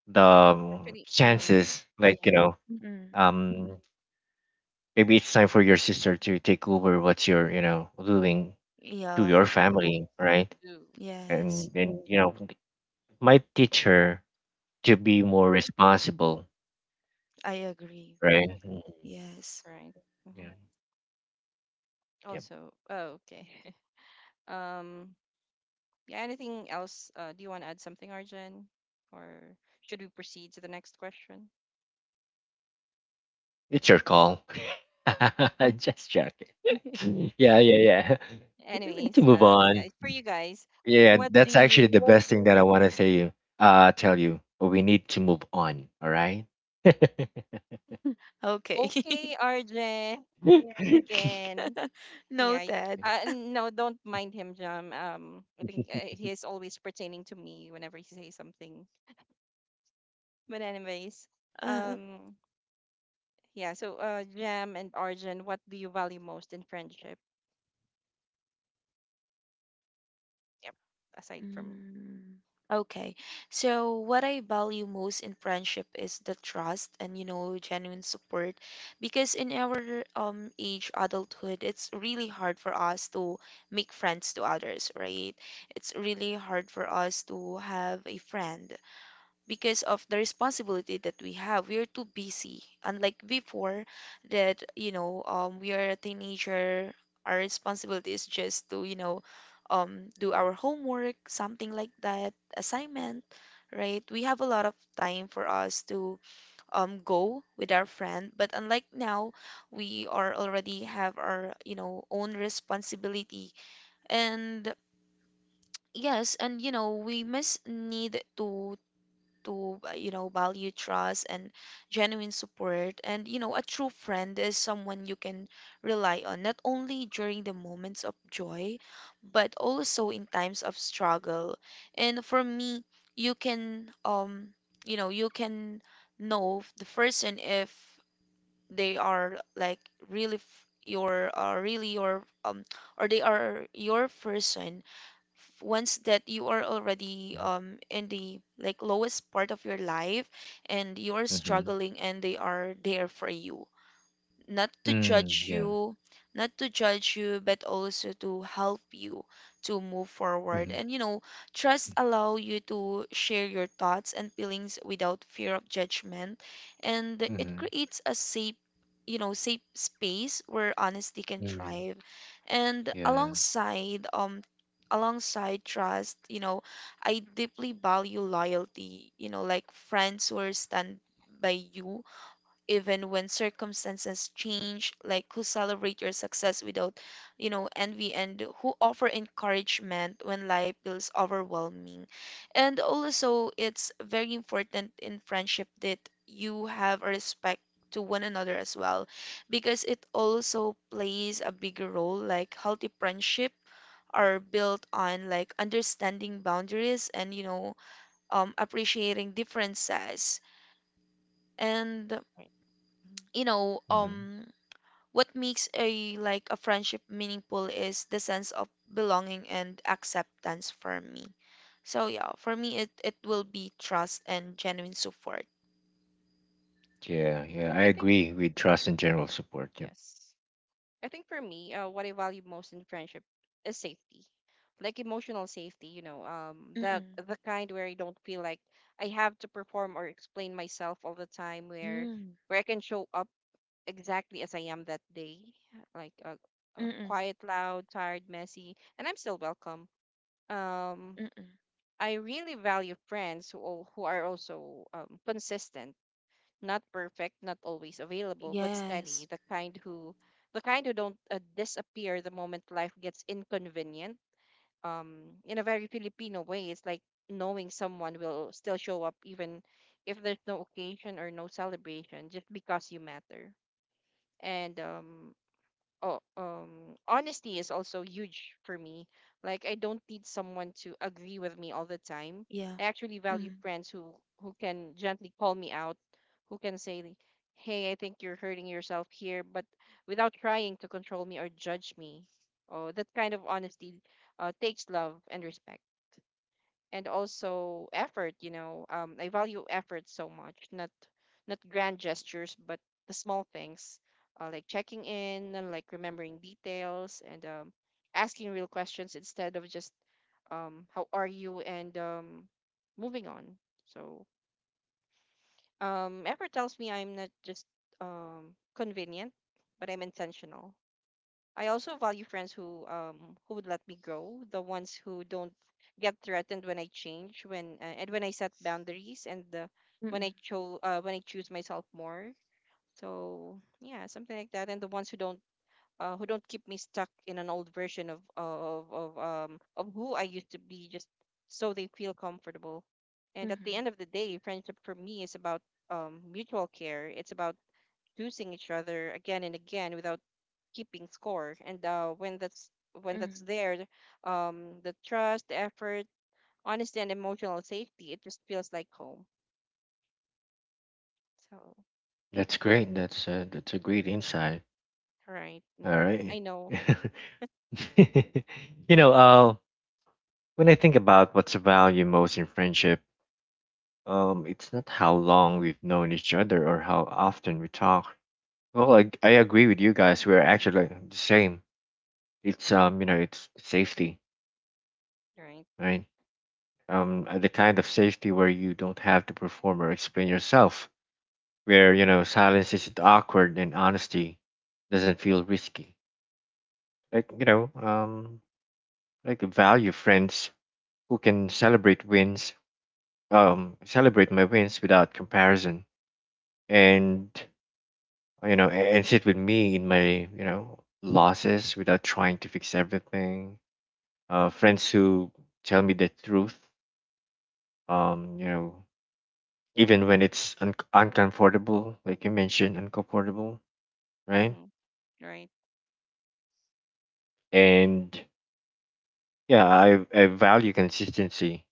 the
Actually,
chances like you know
Mm-mm.
um maybe it's time for your sister to take over what you're you know doing to
Yeah.
your family, right?
do
Yes.
And you know might teach her to be more responsible,
I agree.
right? Mhm.
Yes.
right.
Yeah. Yep.
Also, oh, okay. Um, yeah, anything else? Do you want to add something, Arjun? Or should we proceed to the next question?
It's your call. Just joking. Yeah, yeah, yeah. We need to
Anyways,
move
yeah,
on.
it's for you guys.
Yeah,
What do
that's actually
you?
the best thing that I want to say you. Tell you. We need to move on. All right.
Okay.
Okay, Arjun,
Yeah.
again. Yeah.
Noted.
No, don't mind him, Jam. I think he is always pertaining to me whenever he says something. But anyways,
Uh,
um, yeah. So, Jam and Arjun, what do you value most in friendship? Yep. Aside from.
mm. Okay. So what I value most in friendship is the trust and, genuine support, because in our age adulthood it's really hard for us to make friends to others, right? It's really hard for us to have a friend because of the responsibility that we have. We are too busy, unlike before, that we are a teenager. Our responsibility is just to, do our homework, something like that, assignment, right? We have a lot of time for us to go with our friend, but unlike now we are already have our own responsibility. And yes, and we must need to value trust and genuine support. And a true friend is someone you can rely on, not only during the moments of joy but also in times of struggle. And for me, you can you know you can know the person if they are like really your or they are your person, once that you are already in the like lowest part of your life, and you are
Mm-hmm.
struggling, and they are there for you, not to
Mm,
judge
yeah.
you, not to judge you, but also to help you to move forward.
Mm-hmm.
And trust allow you to share your thoughts and feelings without fear of judgment, and it
Mm-hmm.
creates a safe space where honesty can
Mm,
thrive. And
yeah.
alongside trust, you know, I deeply value loyalty, you know, like friends who are stand by you even when circumstances change, like who celebrate your success without, envy, and who offer encouragement when life feels overwhelming. And also, it's very important in friendship that you have a respect to one another as well, because it also plays a bigger role. Like, healthy friendship are built on like understanding boundaries and appreciating differences. And
Right. Mm-hmm.
you know
Mm-hmm.
um what makes a like a friendship meaningful is the sense of belonging and acceptance for me. So yeah, for me it will be trust and genuine support.
Yeah.
Right.
Yeah.
I
I
think
agree with trust and general support. Yep.
yes. I think for me, what I value most in friendship is safety, like emotional safety. You know,
Mm-mm.
the kind where I don't feel like I have to perform or explain myself all the time,
Mm-mm.
where I can show up exactly as I am that day, like
Mm-mm.
quiet, loud, tired, messy, and I'm still welcome. Um,
Mm-mm.
I really value friends who who are also consistent, not perfect, not always available, but steady,
Yes.
the kind who don't disappear the moment life gets inconvenient. In a very Filipino way, it's like knowing someone will still show up even if there's no occasion or no celebration, just because you matter. And oh, honesty is also huge for me. Like I don't need someone to agree with me all the time.
Yeah.
I actually value
Mm-mm.
friends who can gently call me out, who can say, "Hey, I think you're hurting yourself here," but without trying to control me or judge me. Oh, that kind of honesty takes love and respect, and also effort. You know, I value effort so much, not not grand gestures but the small things, like checking in, and like remembering details, and asking real questions instead of just how are you, and moving on. So effort tells me I'm not just um, convenient, but I'm intentional. I also value friends who would let me grow, the ones who don't get threatened when I change, when and when I set boundaries, and the, when
Mm-mm.
I when I choose myself more. So yeah, something like that. And the ones who don't keep me stuck in an old version of of who I used to be, just so they feel comfortable. And at the
Mm-hmm.
end of the day, friendship for me is about mutual care. It's about choosing each other again and again without keeping score, and when that's
Mm-hmm.
there, the trust, the effort, honesty, and emotional safety, it just feels like home. So
That's great. That's a great insight.
right,
All
mm-hmm. I
right.
know.
You know, when I think about what's the value most in friendship, um, it's not how long we've known each other or how often we talk. Well, I agree with you guys. We're actually the same. It's you know, it's safety,
Right,
right? The kind of safety where you don't have to perform or explain yourself, where you know silence isn't awkward and honesty doesn't feel risky. Like you know, like value friends who can celebrate wins, celebrate my wins without comparison, and you know, and sit with me in my, you know, losses without trying to fix everything. Friends who tell me the truth, you know, even when it's uncomfortable, like you mentioned, uncomfortable, right?
mm-hmm. Right.
And yeah, I value consistency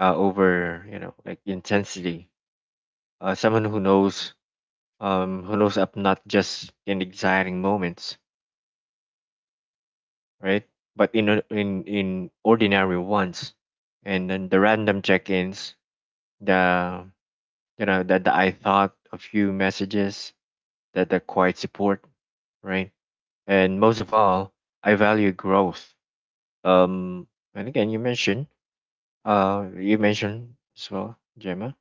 over, you know, like intensity. Someone who knows up not just in exciting moments, right? But in in ordinary ones, and then the random check-ins, the you know that the I thought a few messages, that the quiet support, right? And most of all, I value growth. Um, and again, you mentioned as well, Gemma,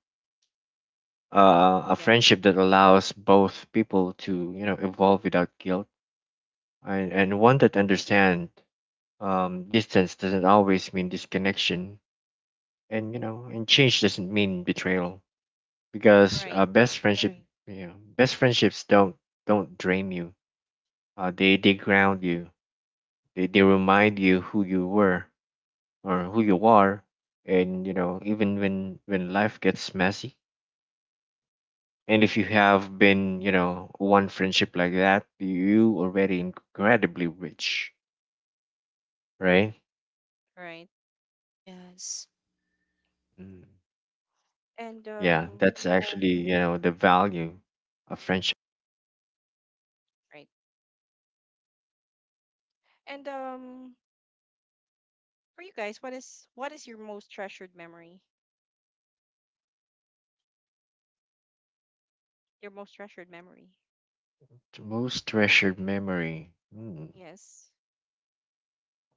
a
Yeah.
friendship that allows both people to you know evolve without guilt, and one that understand distance doesn't always mean disconnection and you know and change doesn't mean betrayal
Right,
because best friendship. Right. Yeah, best friendships don't drain you, they ground you, they remind you who you were or who you are, and you know even when life gets messy. And
mm-hmm.
if you have been you know one friendship like that, you already incredibly rich, right?
Right,
Yes.
Mm.
and
Yeah, that's Right. actually you know the value of friendship.
right, and for you guys, what is your most treasured memory, your most treasured memory?
Most treasured memory. Hmm.
Yes.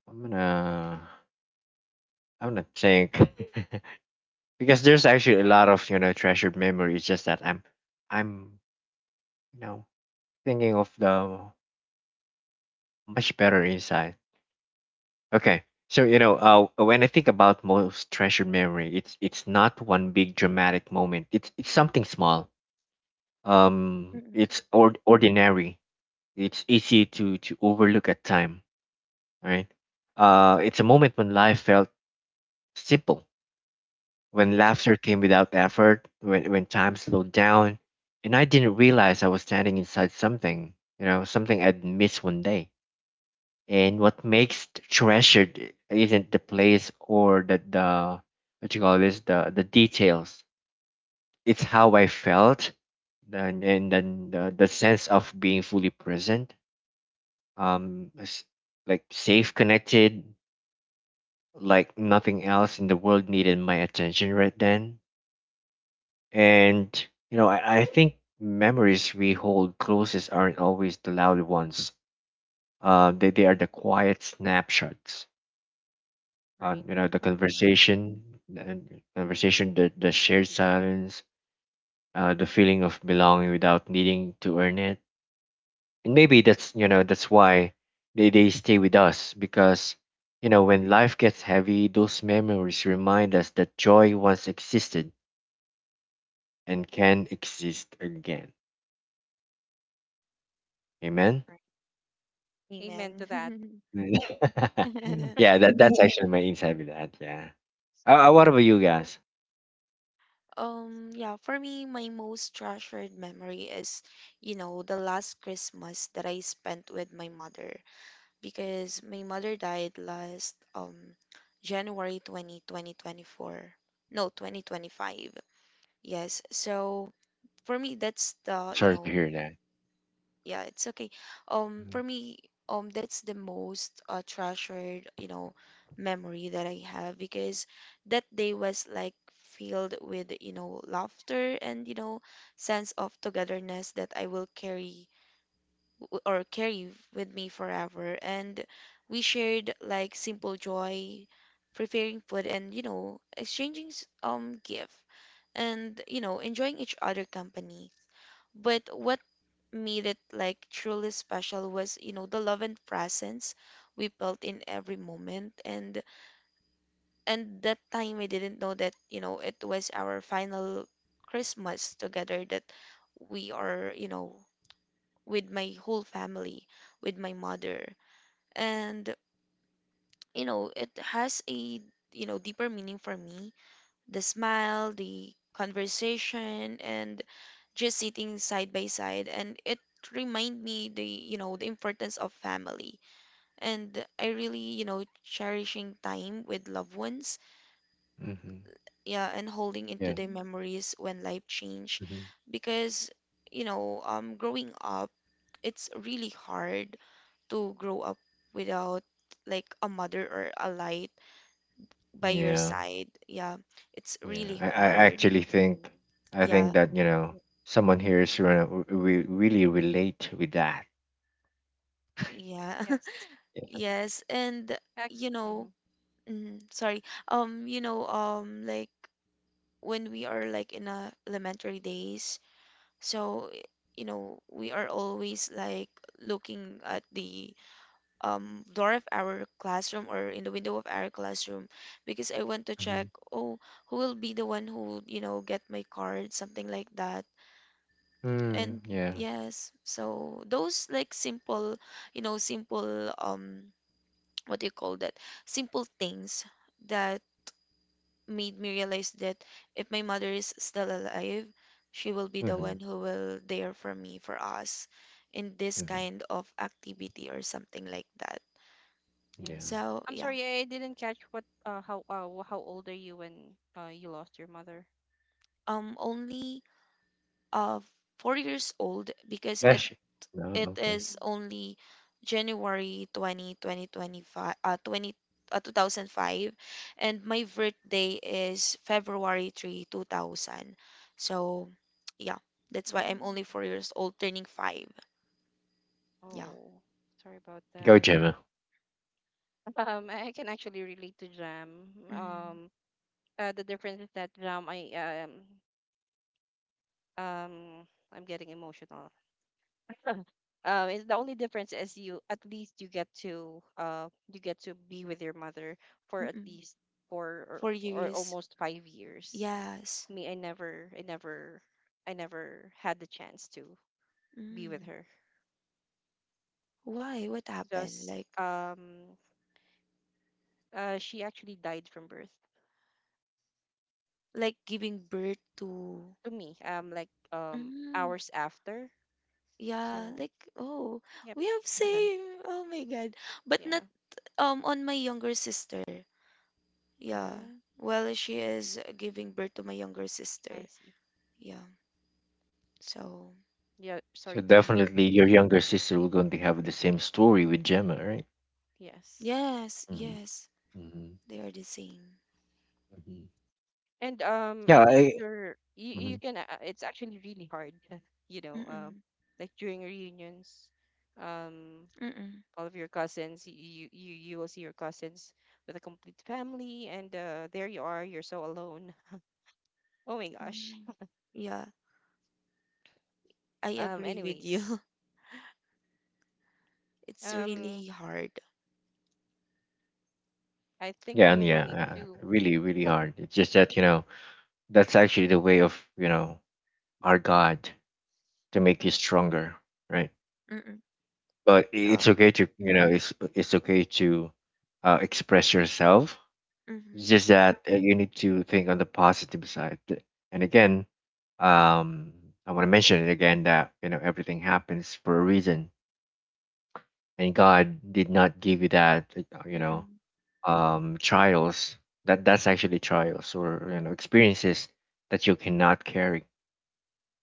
I'm gonna I'm gonna think because there's actually a lot of treasured memories. Just that I'm you know thinking of the much better inside. Okay, so when I think about most treasured memory, it's not one big dramatic moment. It's something small. Um,
Mm-mm.
it's or- ordinary. It's easy to overlook at time. Right. It's a moment when life felt simple, when laughter came without effort, when time slowed down, and I didn't realize I was standing inside something, you know, something I'd miss one day. And what makes treasured isn't the place or the what you call this, the details. It's how I felt, and then the sense of being fully present, um, s- like safe, connected, like nothing else in the world needed my attention right then. And you know, I think memories we hold closest aren't always the loud ones. They are the quiet snapshots.
Right.
You know, the
Mhm.
conversation, and conversation, the shared silence, the feeling of belonging without needing to earn it. And maybe that's that's why they stay with us because you know, when life gets heavy, those memories remind us that joy once existed and can exist again. Amen.
Right. Amen to
Amen.
that.
Yeah, that's actually my insight with that. Yeah. What about you guys?
Yeah, for me, my most treasured memory is, you know, the last Christmas that I spent with my mother. Because my mother died last January 20th, 20, 2024. No, 2025. Yes. So for me that's the, you
Sorry to
know.
hear that.
Yeah, it's okay. For me, that's the most treasured, you know, memory that I have, because that day was like filled with, you know, laughter and, you know, sense of togetherness that I will carry w- or carry with me forever. And we shared like simple joy, preparing food and, you know, exchanging gift, and, you know, enjoying each other company. But what made it like truly special was, you know, the love and presence we felt in every moment. And that time I didn't know that, you know, it was our final Christmas together, that we are, you know, with my whole family, with my mother. And you know it has a, you know, deeper meaning for me: the smile, the conversation, and just sitting side by side. And it remind me the, the importance of family, and I really, you know, cherishing time with loved ones.
Mm-hmm.
Yeah, and holding into
Yeah.
the memories when life change.
Mm-hmm.
Because growing up, it's really hard to grow up without like a mother or a light by your
Yeah.
side. Yeah, it's
Yeah.
really
I
hard.
actually think I think
Yeah,
that you know someone here is gonna really relate with that.
yeah,
Yes.
Yeah.
yes, and
Ac-
you know,
mhm.
sorry, like when we are like in elementary days, so, we are always like looking at the door of our classroom or in the window of our classroom, because I want to
Mm-hmm.
check, oh, who will be the one who, you know, get my card, something like that. And
Mm, yeah.
yes, so those like simple, what do you call that, simple things, that made me realize that if my mother is still alive, she will be the
Mm-hmm.
one who will there for me, for us, in this
Mm-hmm.
kind of activity or something like that.
Yeah.
Yes.
So
I'm
yeah,
sorry, I didn't catch what how old are you when you lost your mother?
only uh 4 years old, because it
Flash. No,
it
okay.
is
Oh,
only January 20th, 20, 2025, 20, 2005, and my birthday is February 3, 2000. So, yeah, that's why I'm only
mm,
4 years old, turning five. Yeah.
oh, sorry about
Go
that.
Gemma.
I can actually relate to Jam.
Mm,
The difference is that Jam, um, I'm getting emotional. It's the only difference is you, at least you get to be with your mother for at
mm-mm.
least four
Four
or
years.
almost 5 years.
Yes.
Me, I never, I never had the chance to be with
Mm.
her,
Why? What happened?
just
Like,
um she actually died from birth
like giving birth to.
to me. Like,
Mm,
hours after.
yeah.
So
Like, oh,
yep.
we have same. Oh my God. But
Yeah,
not. On my younger sister. Yeah.
mm,
Well, she is giving birth to my younger sister.
I see.
Yeah. So,
Yeah,
So
sorry to hear.
definitely your younger sister will going to have the same story with Gemma, right?
Yes,
yes,
Mm-hmm.
yes, they are the same.
Mm-hmm.
and I
Yeah.
think
I.
you're you, you can it's actually really hard. You know,
Mm-mm,
like during reunions, um
mm-mm,
all of your cousins. You will see your cousins with a complete family, and there you are. You're so alone. Oh my gosh.
mm-mm. Yeah, I
Um,
agree with
anyways.
you. It's
Um,
really hard.
I think
Yeah, and
we will need
yeah,
to.
really, really hard. It's just that, you know, that's actually the way of, you know, our God to make you stronger, right?
Mm-mm,
But
yeah.
it's okay to, you know, it's okay to express yourself.
Mm-mm,
It's just that you need to think on the positive side. And again, um, I want to mention it again that, you know, everything happens for a reason, and God did not give you that, uh, you know,
mm-mm.
trials that that's actually trials or you know experiences that you cannot carry,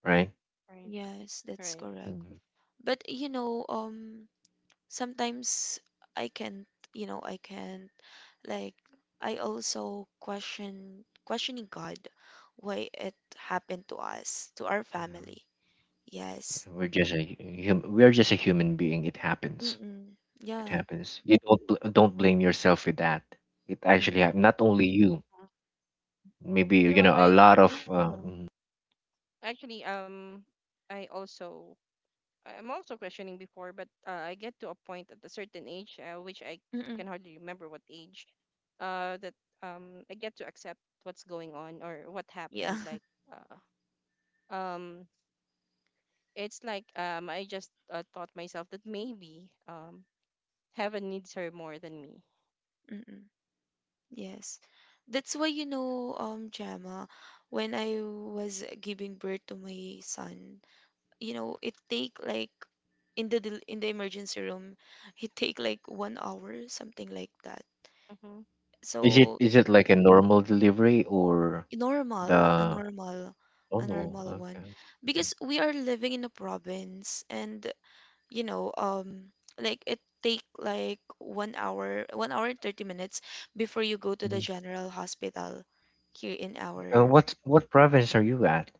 right?
Right.
Yes, that's
Right.
correct.
Mhm.
But you know, sometimes I can't, I can't. Like, I also questioning God why it happened to us, to our
Yeah.
family. Yes.
We're just a we're just a human being. It happens.
Mm-mm.
It
Yeah.
happens. You don't don't blame yourself with that. It actually
Mm.
happened. Not only you.
Uh,
Maybe
you know
you
what?
know a
I
lot of.
mhm,
Mhm.
actually. Um, I also. I'm also questioning before, but I get to a point at a certain age, which I can
Mm-mm.
hardly remember what age. Uh, that I get to accept what's going on or what
Yeah.
happened. Like, Uh, um it's like I just taught myself that maybe heaven needs her more than me.
Mm-mm. Yes. That's why, Gemma, when I was giving birth to my son, you know, it take like in the emergency room, it take like 1 hour, something like that.
Mm-hmm.
is it
So
is it like a normal delivery or
normal,
the
a
normal?
normal one.
Okay. Mhm.
Because we are living in a province, and you know, like it take like 1 hour and 30 minutes before you go to the
Mhm.
general hospital here in our.
What province are you at?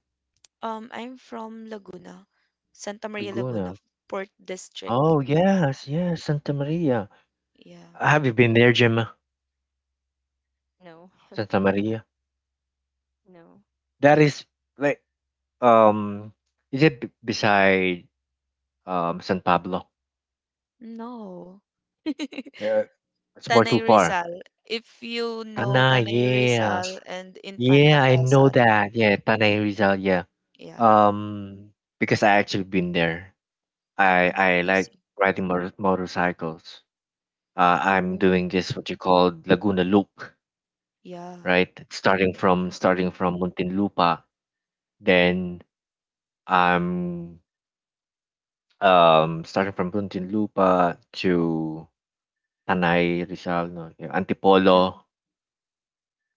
I'm from Laguna, Santa Maria Laguna,
Laguna.
Port District.
Oh,
Yeah,
yes, yes, Santa Maria.
yeah.
Have you been there, Gemma?
No,
Santa Maria.
no,
That is like um is it beside San Pablo?
No.
Uh, it's more too
Tanay
far.
Rizal. If you know
Tanay,
Tanay
yeah.
Rizal and Infanta
Yeah, I know
Quezon.
that. Yeah, Tanay Rizal, yeah.
Yeah.
Um because I actually been there. I
Mm,
I
I
like
see.
riding motor motorcycles. I'm
Oh,
doing this what you call Laguna Loop,
yeah.
right? Starting from
Mm-mm,
starting from Muntinlupa, then I'm starting from Puntinlupa to Tanay Rizal, no, yung Antipolo,
mm-mm.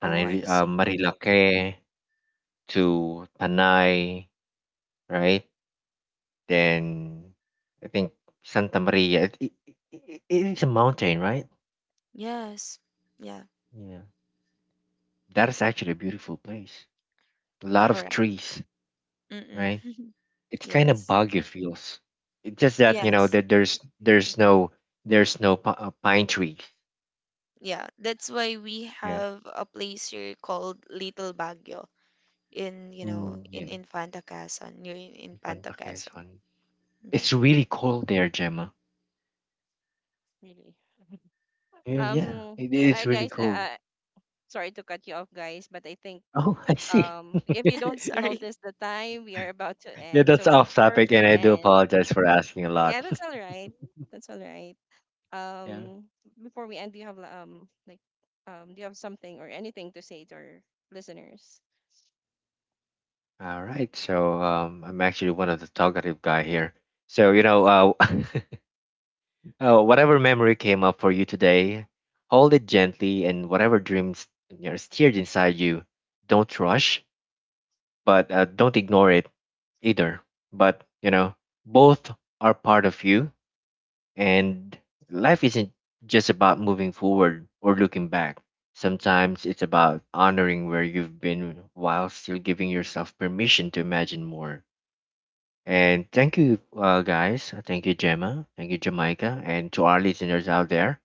Oh, I see.
Marilake to Tanay, right? Then I think Santa Maria. It is a mountain, right?
Yes. Yeah,
Yeah, that is actually a beautiful place. A lot of
correct.
trees,
Mm-mm.
right? It's kind of
Yes.
boggy feels. It's just that you know
Yes.
that there's no there's no pine trees.
Yeah, that's why we
Yeah.
have a place here called Little Baguio in, you know,
Mm,
in
yeah.
in Fanta Quezon, near in Panta
Panta,
Quezon.
Quezon.
Mm-mm.
It's really cold there, Gemma.
really.
Yeah, yeah.
Um,
It
I
is really
guys,
cold.
sorry to cut you off, guys, but I think
Oh, I see.
if you don't
Sorry.
notice the time, we are about to
Yeah,
end.
that's
So
off
before
topic, and
we
I do
end,
apologize for asking a
yeah,
lot.
that's all right. That's all right.
Yeah.
Um, before we end, do you have do you have something or anything to say to our listeners?
All right. So I'm actually one of the talkative guy here. So you know, whatever memory came up for you today, hold it gently, and whatever dreams, you know, steered inside you, don't rush, but don't ignore it either. But you know, both are part of you. And life isn't just about moving forward or looking back. Sometimes it's about honoring where you've been while still giving yourself permission to imagine more. And thank you, guys. Thank you, Gemma. Thank you, Jamaica. And to our listeners out there.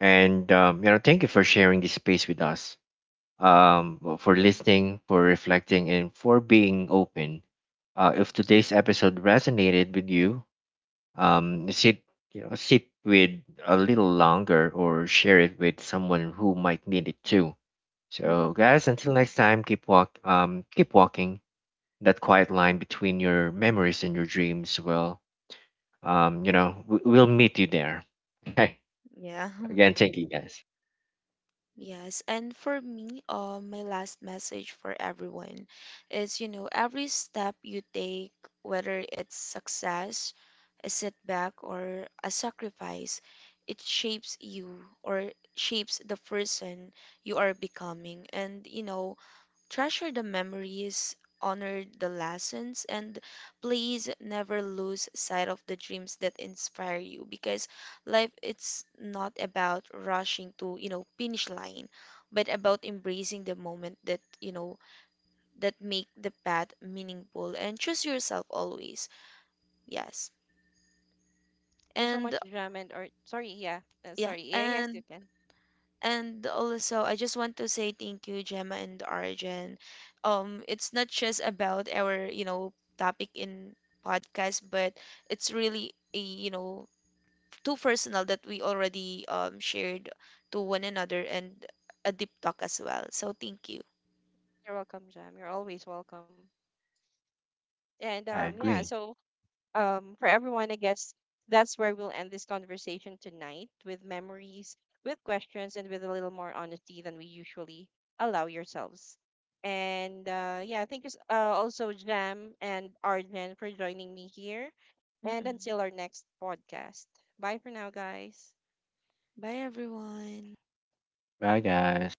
And, you know, thank you for sharing this space with us, for listening, for reflecting, and for being open. If today's episode resonated with you, um, sit with a little longer or share it with someone who might need it too. So
Mm-mm.
guys, until next time, keep walking that quiet line between your memories and your dreams. Well, you know, we'll meet you there. Okay.
Yeah.
Again, thank you guys.
Yes, and for me, my last message for everyone is, you know, every step you take, whether it's success, a setback, or a sacrifice, it shapes you or shapes the person you are becoming. And, you know, treasure the memories, honor the lessons, and please never lose sight of the dreams that inspire you, because life, it's not about rushing to, you know, finish line, but about embracing the moment, that make the path meaningful, and choose yourself always. Yes.
Thank you so
And
much, Jam, and or
yeah,
sorry, yeah, yes, you
and
can.
And also, I just want to say thank you, Gemma and Arjun. It's not just about our, you know, topic in podcast, but it's really, you know, too personal, that we already shared to one another, and a deep talk as well. So thank you.
You're welcome, Jam. You're always welcome. And
I
yeah,
agree.
so for everyone, I guess that's where we'll end this conversation tonight with memories, with questions, and with a little more honesty than we usually allow yourselves. And yeah, thank you also, Jam and Arjen, for joining me here. And
Mm-mm.
until our next podcast. Bye for now, guys.
Bye, everyone.
Bye guys.